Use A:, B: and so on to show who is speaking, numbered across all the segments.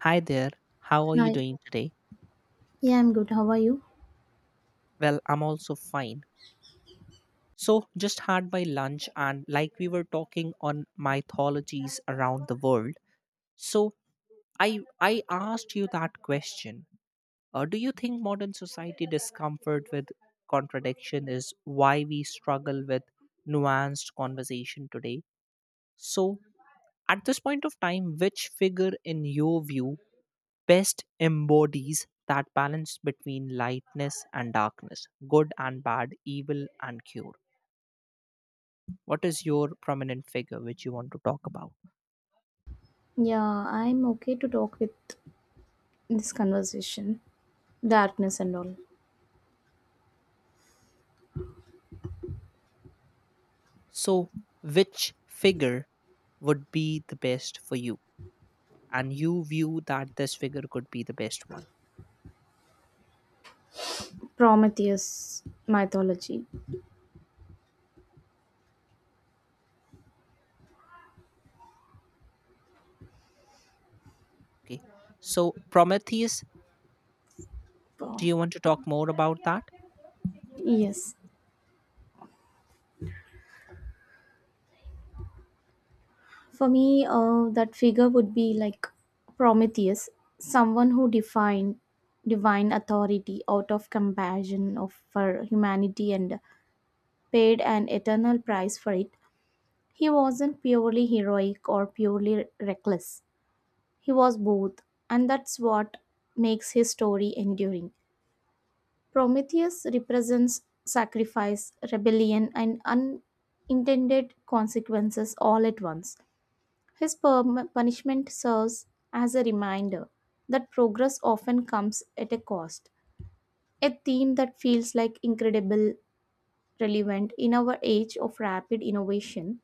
A: Hi there, how are you
B: Hi.
A: doing today?
B: Yeah, I'm good. How are you?
A: Well, I'm also fine. So, just had my lunch, and like we were talking on mythologies around the world, so I asked you that question. Do you think modern society discomfort with contradiction is why we struggle with nuanced conversation today? So, at this point of time, which figure in your view best embodies that balance between lightness and darkness, good and bad, evil and cure. What is your prominent figure which you want to talk about?
B: Yeah, I'm okay to talk with this conversation. Darkness and all.
A: So, which figure would be the best for you? And you view that this figure could be the best one.
B: Prometheus mythology.
A: Okay. So, Prometheus, do
B: Pro-
A: you want to talk more about that?
B: Yes. For me, that figure would be like Prometheus, someone who defined divine authority out of compassion of for humanity and paid an eternal price for it. He wasn't purely heroic or purely reckless. He was both, and that's what makes his story enduring. Prometheus represents sacrifice, rebellion, and unintended consequences all at once. His punishment serves as a reminder that progress often comes at a cost, a theme that feels like incredible relevant in our age of rapid innovation.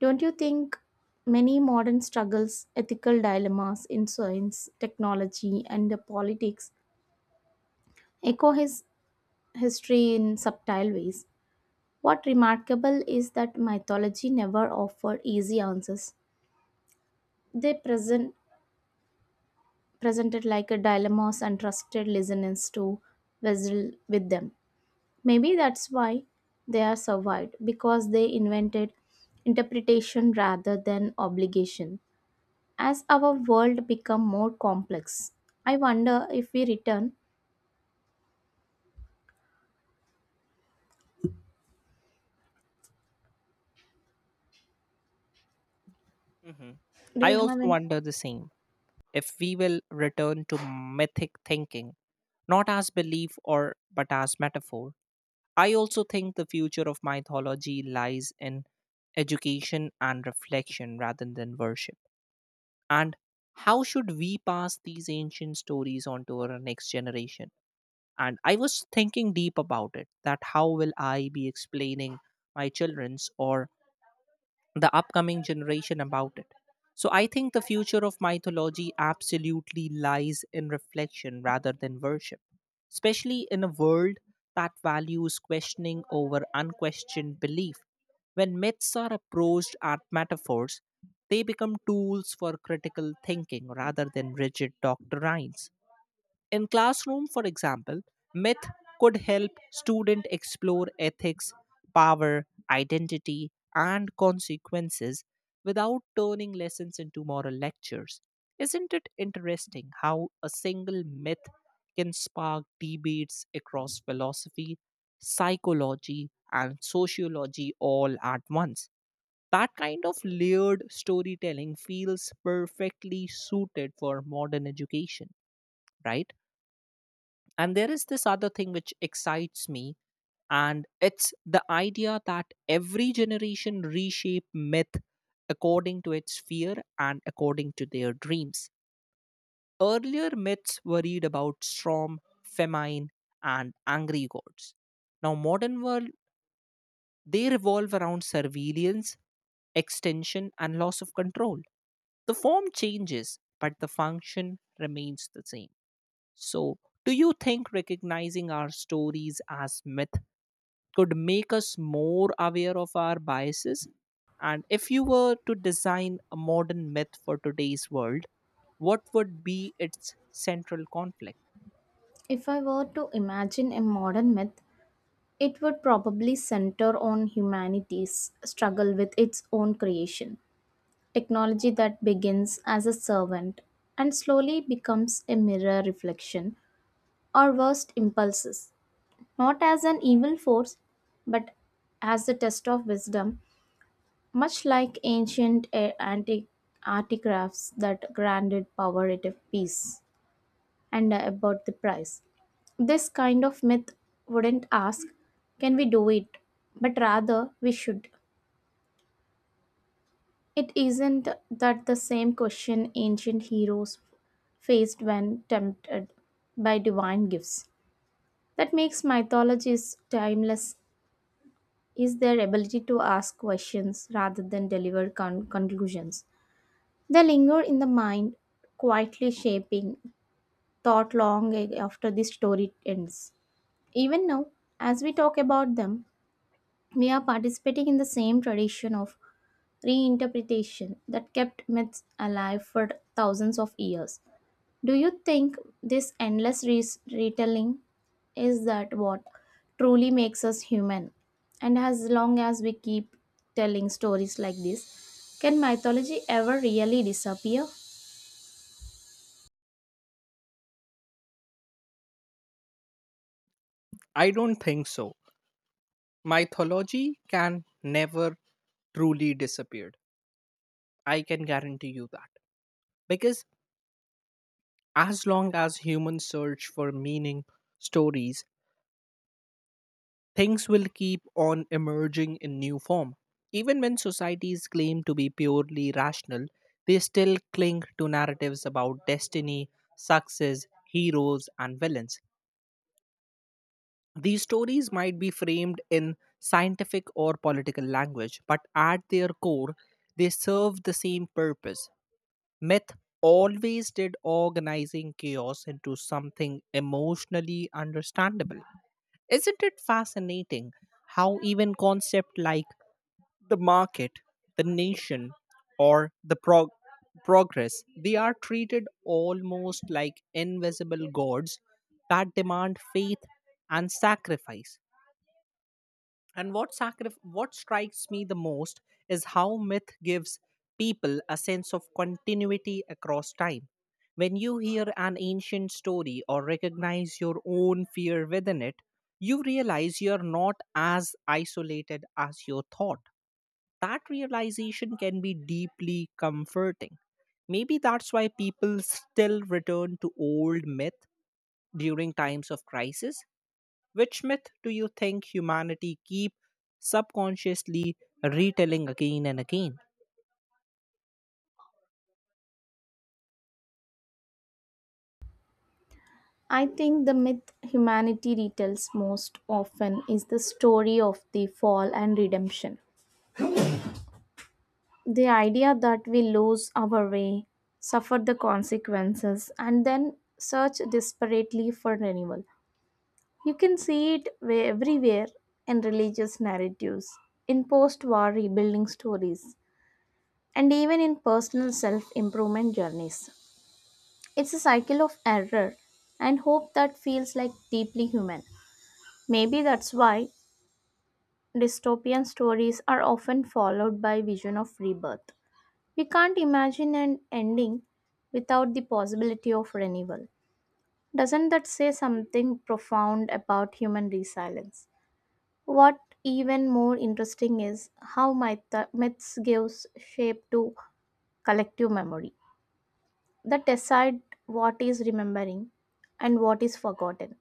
B: Don't you think many modern struggles, ethical dilemmas in science, technology, and the politics echo his history in subtle ways? What remarkable is that mythology never offered easy answers. They presented like a dilemmas and trusted listeners to wrestle with them. Maybe that's why they are survived because they invented interpretation rather than obligation. As our world become more complex, I wonder if we return.
A: hmm
B: Do
A: I
B: you have
A: also
B: an?
A: wonder the same. If we will return to mythic thinking, not as belief or but as metaphor, I also think the future of mythology lies in education and reflection rather than worship. And how should we pass these ancient stories on to our next generation? And I was thinking deep about it that how will I be explaining my children's or the upcoming generation about it. So I think the future of mythology absolutely lies in reflection rather than worship, especially in a world that values questioning over unquestioned belief. When myths are approached as metaphors, they become tools for critical thinking rather than rigid doctrines. In classroom, for example, myth could help student explore ethics, power, identity, and consequences without turning lessons into moral lectures. Isn't it interesting how a single myth can spark debates across philosophy, psychology, and sociology all at once? That kind of layered storytelling feels perfectly suited for modern education, right? And there is this other thing which excites me, and it's the idea that every generation reshape myth according to its fear and according to their dreams. Earlier myths worried about storm, famine, and angry gods. Now, modern world they revolve around surveillance, extension, and loss of control. The form changes, but the function remains the same. So, do you think recognizing our stories as myth could make us more aware of our biases? And if you were to design a modern myth for today's world, what would be its central conflict?
B: If I were to imagine a modern myth, it would probably center on humanity's struggle with its own creation, technology that begins as a servant and slowly becomes a mirror reflection or worst impulses, not as an evil force, but as a test of wisdom. Much like ancient antique artifacts that granted power at a peace and about the price. This kind of myth wouldn't ask, can we do it? But rather, we should. It isn't that the same question ancient heroes faced when tempted by divine gifts. That makes mythologies timeless is their ability to ask questions rather than deliver conclusions. They linger in the mind, quietly shaping thought long after the story ends. Even now, as we talk about them, we are participating in the same tradition of reinterpretation that kept myths alive for thousands of years. Do you think this endless retelling is that what truly makes us human? And as long as we keep telling stories like this, can mythology ever really disappear?
A: I don't think so. Mythology can never truly disappear. I can guarantee you that. Because as long as humans search for meaning, stories, things will keep on emerging in new form. Even when societies claim to be purely rational, they still cling to narratives about destiny, success, heroes, and villains. These stories might be framed in scientific or political language, but at their core, they serve the same purpose. Myth always did organizing chaos into something emotionally understandable. Isn't it fascinating how even concepts like the market, the nation, or the progress, they are treated almost like invisible gods that demand faith and sacrifice. And what, what strikes me the most is how myth gives people a sense of continuity across time. When you hear an ancient story or recognize your own fear within it, you realize you're not as isolated as you thought. That realization can be deeply comforting. Maybe that's why people still return to old myth during times of crisis. Which myth do you think humanity keep subconsciously retelling again and again?
B: I think the myth humanity retells most often is the story of the fall and redemption. The idea that we lose our way, suffer the consequences, and then search desperately for renewal. You can see it everywhere in religious narratives, in post war rebuilding stories, and even in personal self improvement journeys. It's a cycle of error and hope that feels like deeply human. Maybe that's why dystopian stories are often followed by vision of rebirth. We can't imagine an ending without the possibility of renewal. Doesn't that say something profound about human resilience? What even more interesting is how myths gives shape to collective memory that decide what is remembering and what is forgotten,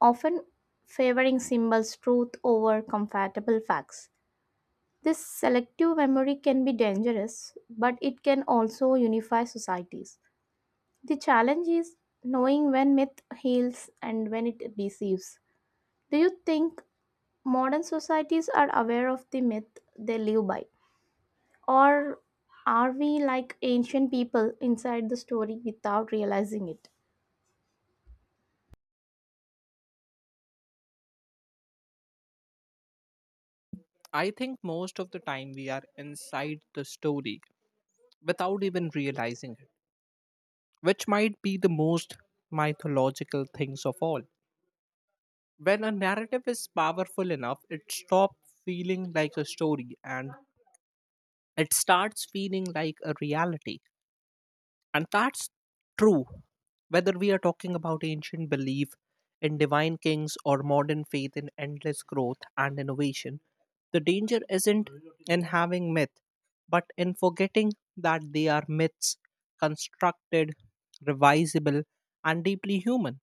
B: often favoring symbols truth over comfortable facts. This selective memory can be dangerous, but it can also unify societies. The challenge is knowing when myth heals and when it deceives. Do you think modern societies are aware of the myth they live by? Or are we like ancient people inside the story without realizing it?
A: I think most of the time we are inside the story without even realizing it. Which might be the most mythological things of all. When a narrative is powerful enough, it stops feeling like a story and it starts feeling like a reality. And that's true whether we are talking about ancient belief in divine kings or modern faith in endless growth and innovation. The danger isn't in having myth, but in forgetting that they are myths constructed, revisable, and deeply human.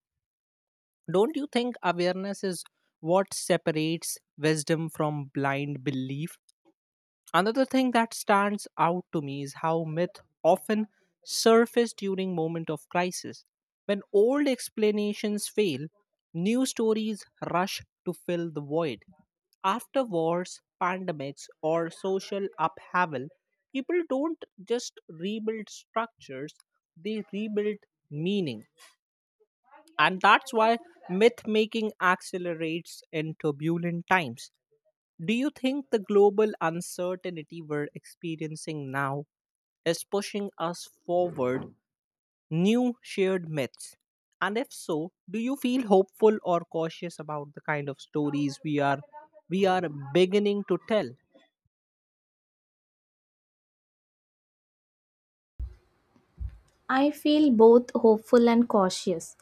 A: Don't you think awareness is what separates wisdom from blind belief? Another thing that stands out to me is how myth often surface during moment of crisis. When old explanations fail, new stories rush to fill the void. After wars, pandemics, or social upheaval, people don't just rebuild structures, they rebuild meaning. And that's why myth making accelerates in turbulent times. Do you think the global uncertainty we're experiencing now is pushing us forward new shared myths? And if so, do you feel hopeful or cautious about the kind of stories we are beginning to tell?
B: I feel both hopeful and cautious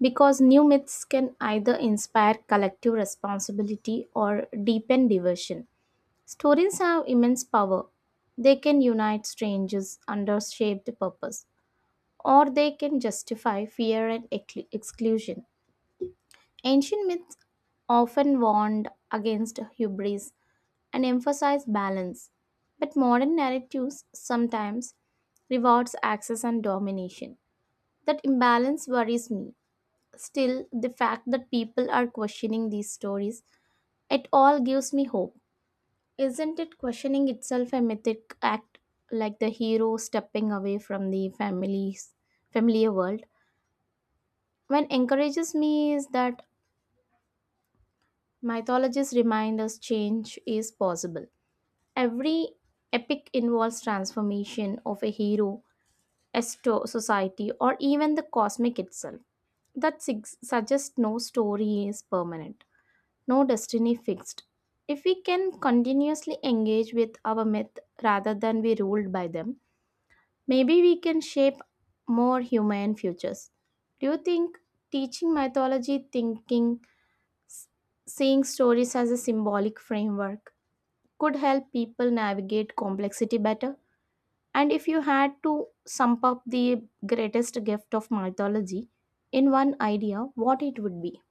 B: because new myths can either inspire collective responsibility or deepen diversion. Stories have immense power. They can unite strangers under shaped purpose, or they can justify fear and exclusion. Ancient myths often warned against hubris and emphasize balance, but modern narratives sometimes rewards access and domination. That imbalance worries me. Still, the fact that people are questioning these stories, it all gives me hope. Isn't it questioning itself a mythic act like the hero stepping away from the family's familiar world? What encourages me is that mythologists remind us change is possible. Every epic involves transformation of a hero, a society, or even the cosmic itself. That suggests no story is permanent, no destiny fixed. If we can continuously engage with our myth rather than be ruled by them, maybe we can shape more human futures. Do you think teaching mythology thinking, seeing stories as a symbolic framework, could help people navigate complexity better? And if you had to sum up the greatest gift of mythology in one idea, what it would be?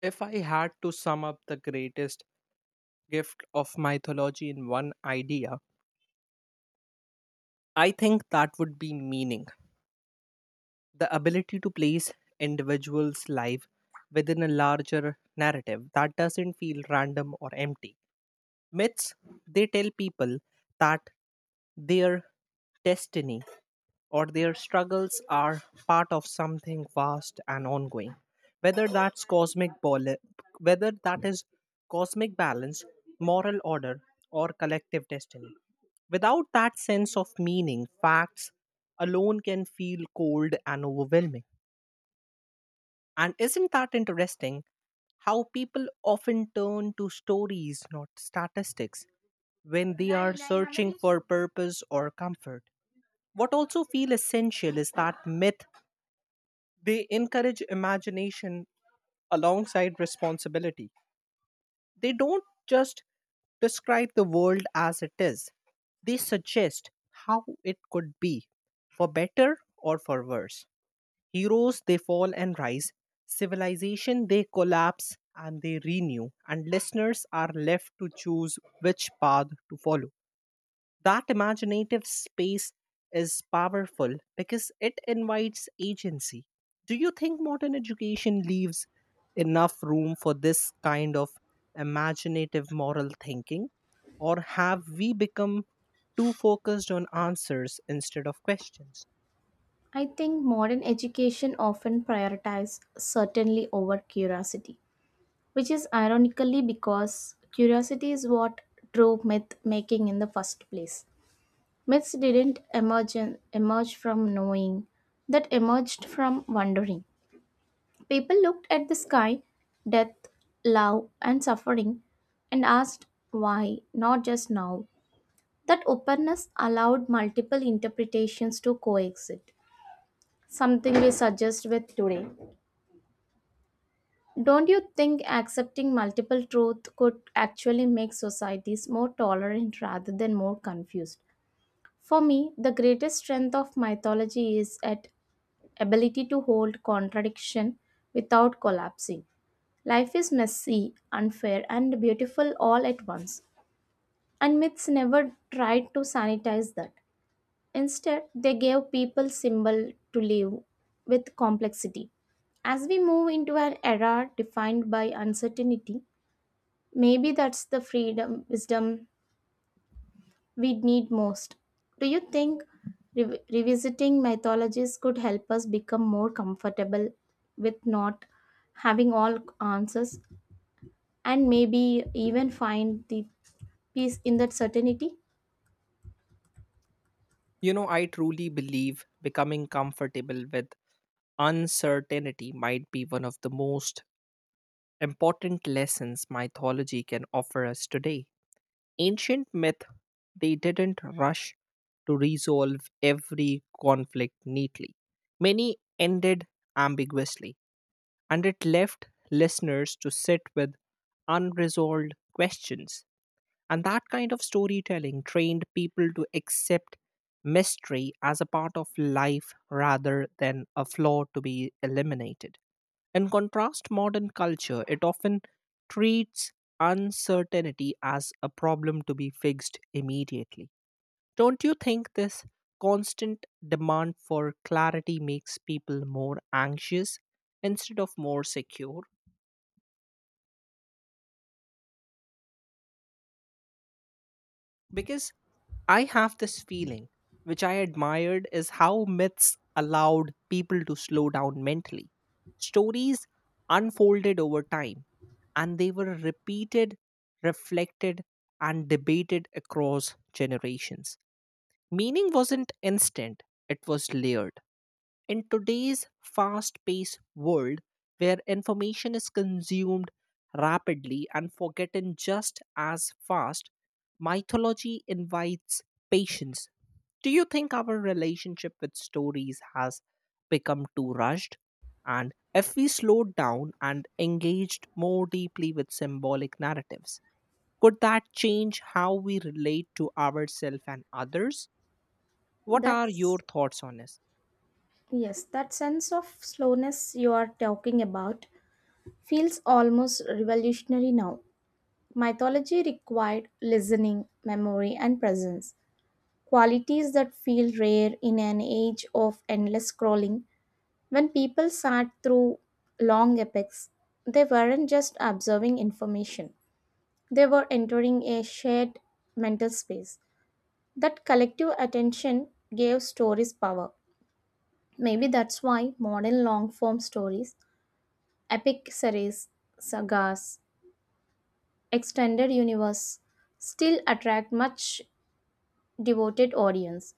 A: If I had to sum up the greatest gift of mythology in one idea, I think that would be meaning. The ability to place individuals' life within a larger narrative that doesn't feel random or empty. Myths, they tell people that their destiny or their struggles are part of something vast and ongoing. Whether that's whether that is cosmic balance, moral order, or collective destiny. Without that sense of meaning, facts alone can feel cold and overwhelming. And isn't that interesting how people often turn to stories, not statistics, when they are searching for purpose or comfort? What also feels essential is that myth, they encourage imagination alongside responsibility. They don't just describe the world as it is, they suggest how it could be, for better or for worse. Heroes, they fall and rise. Civilization, they collapse and they renew. And listeners are left to choose which path to follow. That imaginative space is powerful because it invites agency. Do you think modern education leaves enough room for this kind of imaginative moral thinking? Or have we become too focused on answers instead of questions?
B: I think modern education often prioritizes certainly over curiosity, which is ironically because curiosity is what drove myth making in the first place. Myths didn't emerge from knowing, that emerged from wondering. People looked at the sky, death, love, and suffering and asked why, not just now. That openness allowed multiple interpretations to coexist, something we suggest with today. Don't you think accepting multiple truths could actually make societies more tolerant rather than more confused? For me, the greatest strength of mythology is at ability to hold contradiction without collapsing. Life is messy, unfair, and beautiful all at once, and myths never tried to sanitize that. Instead, they gave people symbol to live with complexity. As we move into an era defined by uncertainty, maybe that's the freedom wisdom we need most. Do you think revisiting mythologies could help us become more comfortable with not having all answers and maybe even find the peace in that certainty?
A: You know, I truly believe becoming comfortable with uncertainty might be one of the most important lessons mythology can offer us today. Ancient myth, they didn't rush to resolve every conflict neatly. Many ended ambiguously, and it left listeners to sit with unresolved questions. And that kind of storytelling trained people to accept mystery as a part of life rather than a flaw to be eliminated. In contrast, modern culture, it often treats uncertainty as a problem to be fixed immediately. Don't you think this constant demand for clarity makes people more anxious instead of more secure? Because I have this feeling, which I admired, is how myths allowed people to slow down mentally. Stories unfolded over time, and they were repeated, reflected, and debated across generations. Meaning wasn't instant, it was layered. In today's fast paced world, where information is consumed rapidly and forgotten just as fast, mythology invites patience. Do you think our relationship with stories has become too rushed? And if we slowed down and engaged more deeply with symbolic narratives, could that change how we relate to ourselves and others? What are your
B: That's
A: thoughts on this?
B: yes, that sense of slowness you are talking about feels almost revolutionary now. Mythology required listening, memory, and presence, qualities that feel rare in an age of endless scrolling. When people sat through long epics, they weren't just observing information, they were entering a shared mental space. That collective attention gave stories power. Maybe that's why modern long form stories, epic series, sagas, extended universe still attract much devoted audience.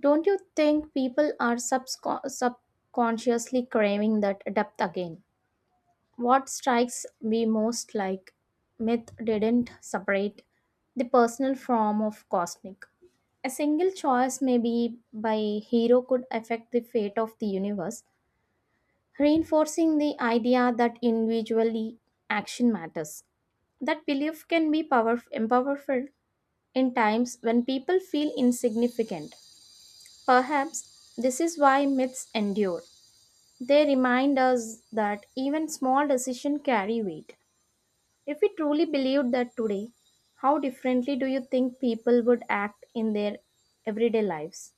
B: Don't you think people are subconsciously craving that depth again? What strikes me most like myth didn't separate the personal form of cosmic. A single choice, maybe by hero, could affect the fate of the universe, reinforcing the idea that individually action matters. That belief can be powerful in times when people feel insignificant. Perhaps this is why myths endure. They remind us that even small decisions carry weight. If we truly believed that today, how differently do you think people would act in their everyday lives?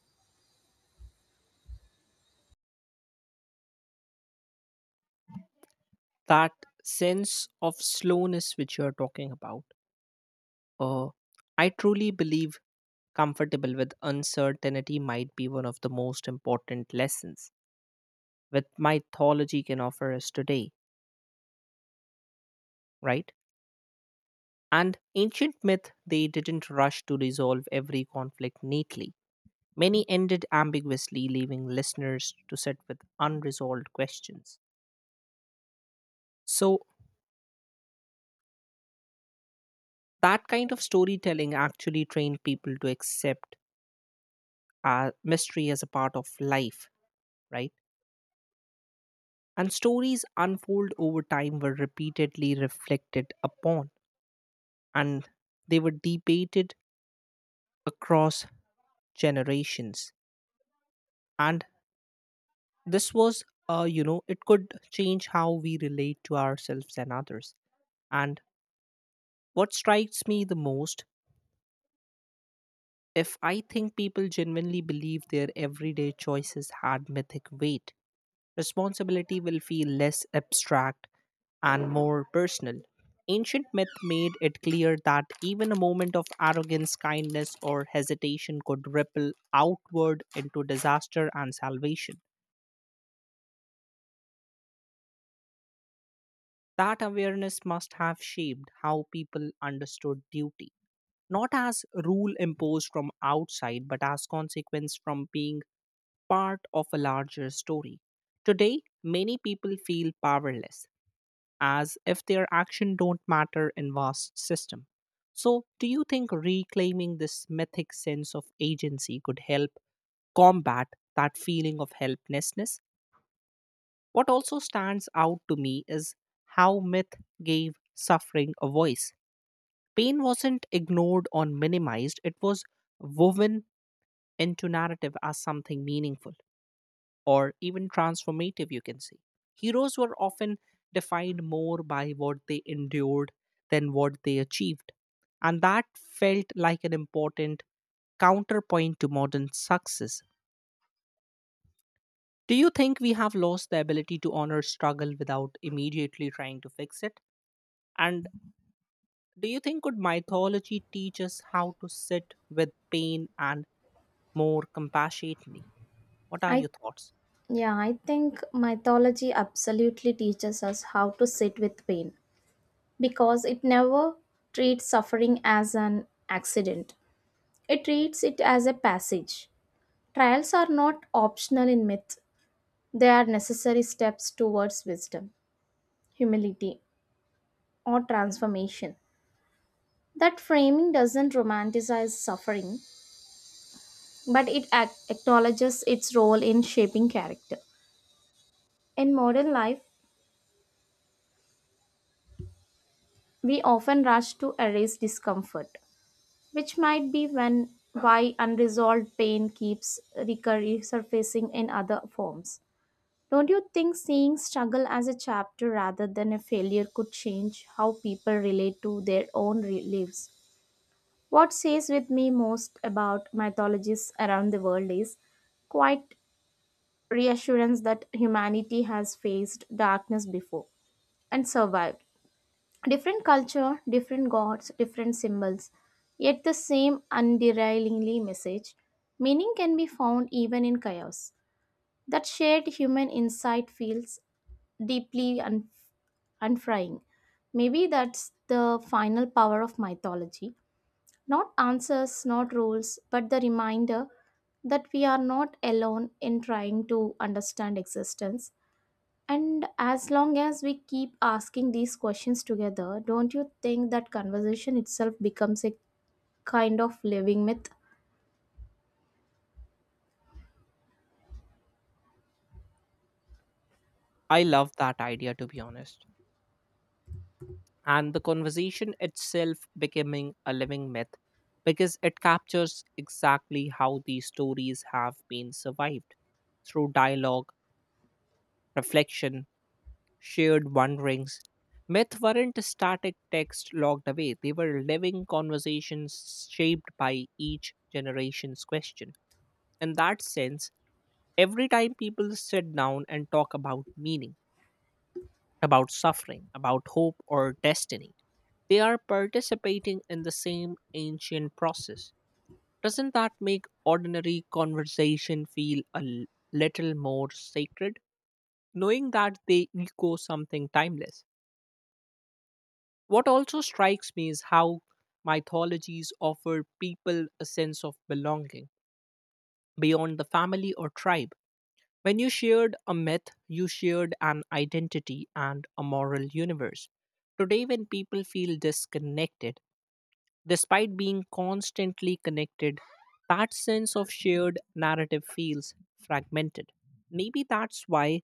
A: That sense of slowness which you're talking about. Uh, I truly believe comfortable with uncertainty might be one of the most important lessons that mythology can offer us today, right? And ancient myth, they didn't rush to resolve every conflict neatly. Many ended ambiguously, leaving listeners to sit with unresolved questions. So, that kind of storytelling actually trained people to accept mystery as a part of life right? And stories unfold over time were repeatedly reflected upon and they were debated across generations. And this was, it could change how we relate to ourselves and others. And what strikes me the most, if I think people genuinely believe their everyday choices had mythic weight, responsibility will feel less abstract and more personal. Ancient myth made it clear that even a moment of arrogance, kindness, or hesitation could ripple outward into disaster and salvation. That awareness must have shaped how people understood duty, not as rule imposed from outside, but as consequence from being part of a larger story. Today, many people feel powerless, as if their action don't matter in vast system. So, do you think reclaiming this mythic sense of agency could help combat that feeling of helplessness? What also stands out to me is how myth gave suffering a voice. Pain wasn't ignored or minimized, it was woven into narrative as something meaningful. Or even transformative, you can see, heroes were often defined more by what they endured than what they achieved. And that felt like an important counterpoint to modern success. Do you think we have lost the ability to honor struggle without immediately trying to fix it? And do you think could mythology teach us how to sit with pain and more compassionately? What are
B: I
A: your thoughts?
B: yeah, I think mythology absolutely teaches us how to sit with pain because it never treats suffering as an accident. It treats it as a passage. Trials are not optional in myth. They are necessary steps towards wisdom, humility, or transformation. That framing doesn't romanticize suffering, but it acknowledges its role in shaping character. In modern life, we often rush to erase discomfort, which might be when why unresolved pain keeps resurfacing in other forms. Don't you think seeing struggle as a chapter rather than a failure could change how people relate to their own lives? What says with me most about mythologies around the world is quite reassurance that humanity has faced darkness before and survived. Different culture, different gods, different symbols, yet the same underlyingly message. Meaning can be found even in chaos. That shared human insight feels deeply unfrying. Maybe that's the final power of mythology. Not answers, not rules, but the reminder that we are not alone in trying to understand existence and as long as we keep asking these questions together, don't you think that conversation itself becomes a kind of living myth?
A: I love that idea to be honest. And the conversation itself becoming a living myth because it captures exactly how these stories have been survived through dialogue, reflection, shared wonderings. Myth weren't static text logged away, they were living conversations shaped by each generation's question. In that sense, every time people sit down and talk about meaning, about suffering, about hope or destiny. They are participating in the same ancient process. Doesn't that make ordinary conversation feel a little more sacred, knowing that they echo something timeless? What also strikes me is how mythologies offer people a sense of belonging beyond the family or tribe. When you shared a myth, you shared an identity and a moral universe. Today, when people feel disconnected, despite being constantly connected, that sense of shared narrative feels fragmented. Maybe that's why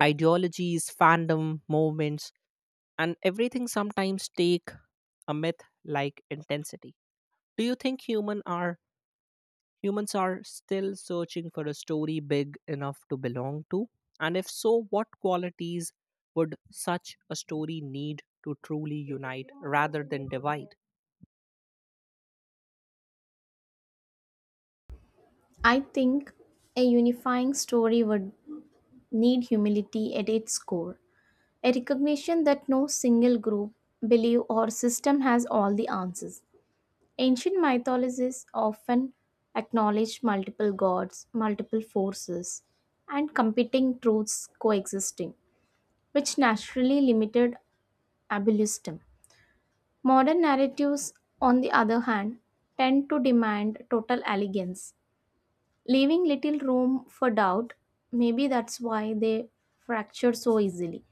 A: ideologies, fandom, movements, and everything sometimes take a myth like intensity. Do you think humans are Humans are still searching for a story big enough to belong to. And if so, what qualities would such a story need to truly unite rather than divide?
B: I think a unifying story would need humility at its core, a recognition that no single group, belief, or system has all the answers. Ancient mythologies often acknowledge multiple gods, multiple forces, and competing truths coexisting, which naturally limited ableism. Modern narratives, on the other hand, tend to demand total elegance, leaving little room for doubt. Maybe that's why they fracture so easily.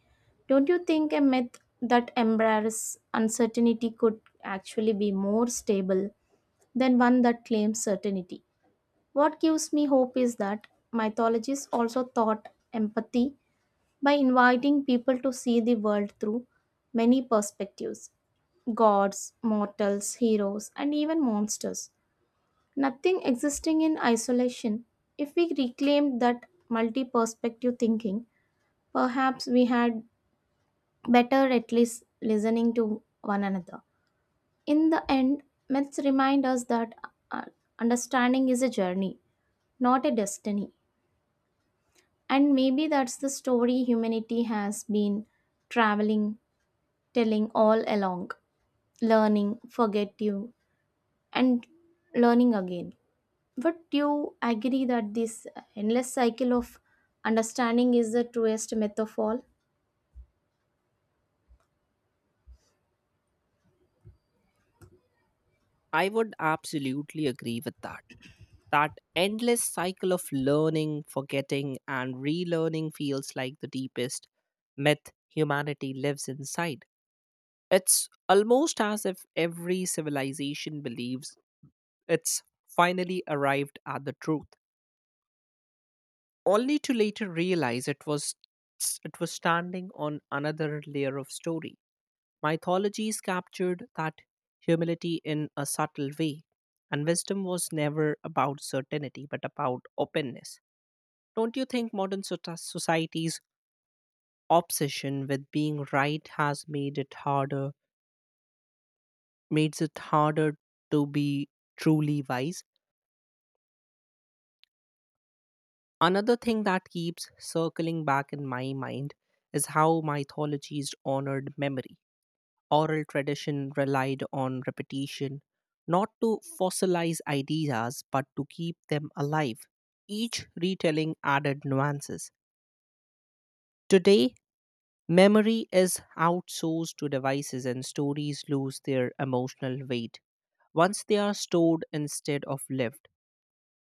B: Don't you think a myth that embraces uncertainty could actually be more stable than one that claims certainty? What gives me hope is that mythologies also taught empathy by inviting people to see the world through many perspectives gods, mortals, heroes, and even monsters. Nothing existing in isolation. If we reclaimed that multi perspective thinking, perhaps we had better at least listening to one another. In the end, myths remind us that uh, understanding is a journey, not a destiny. And maybe that's the story humanity has been traveling telling all along learning forget you and learning again but you agree that this endless cycle of understanding is the truest myth of all.
A: I would absolutely agree with that. That endless cycle of learning, forgetting, and relearning feels like the deepest myth humanity lives inside. It's almost as if every civilization believes it's finally arrived at the truth. Only to later realize it was standing on another layer of story. Mythologies captured that humility in a subtle way, and wisdom was never about certainty but about openness. Don't you think modern society's obsession with being right has made it harder makes it harder to be truly wise? Another thing that keeps circling back in my mind is how mythologies honored memory. Oral tradition relied on repetition, not to fossilize ideas, but to keep them alive. Each retelling added nuances. Today, memory is outsourced to devices and stories lose their emotional weight once they are stored instead of lived.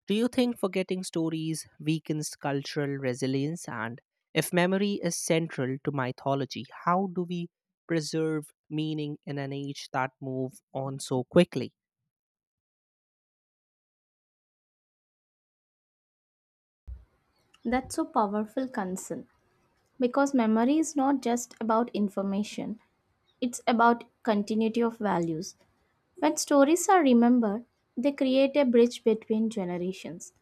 A: Do you think forgetting stories weakens cultural resilience? And if memory is central to mythology, how do we preserve meaning in an age that moves on so quickly?
B: That's so powerful concern because memory is not just about information, it's about continuity of values. When stories are remembered they create a bridge between generations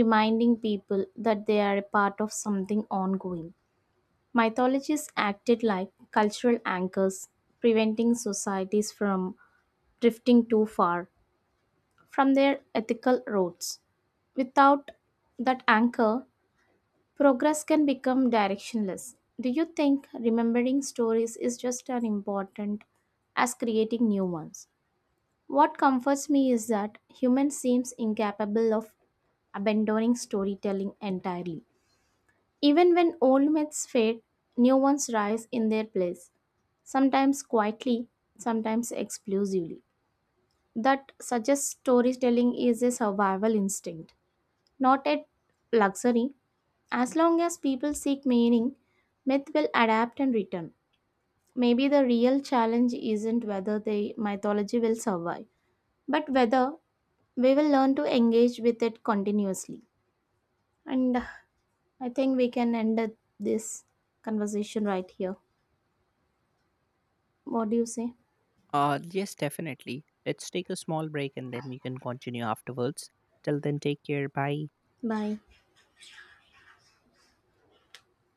B: reminding people that they are a part of something ongoing. Mythologies acted like cultural anchors, preventing societies from drifting too far from their ethical roots. Without that anchor, progress can become directionless. Do you think remembering stories is just as important as creating new ones? What comforts me is that human seems incapable of abandoning storytelling entirely. Even when old myths fade, new ones rise in their place, sometimes quietly, sometimes explosively. That suggests storytelling is a survival instinct, not a luxury. As long as people seek meaning, myth will adapt and return. Maybe the real challenge isn't whether the mythology will survive, but whether we will learn to engage with it continuously. And I think we can end this conversation right here. What do you say?
A: Yes, definitely. Let's take a small break and then we can continue afterwards. Till then, take care. Bye.
B: Bye.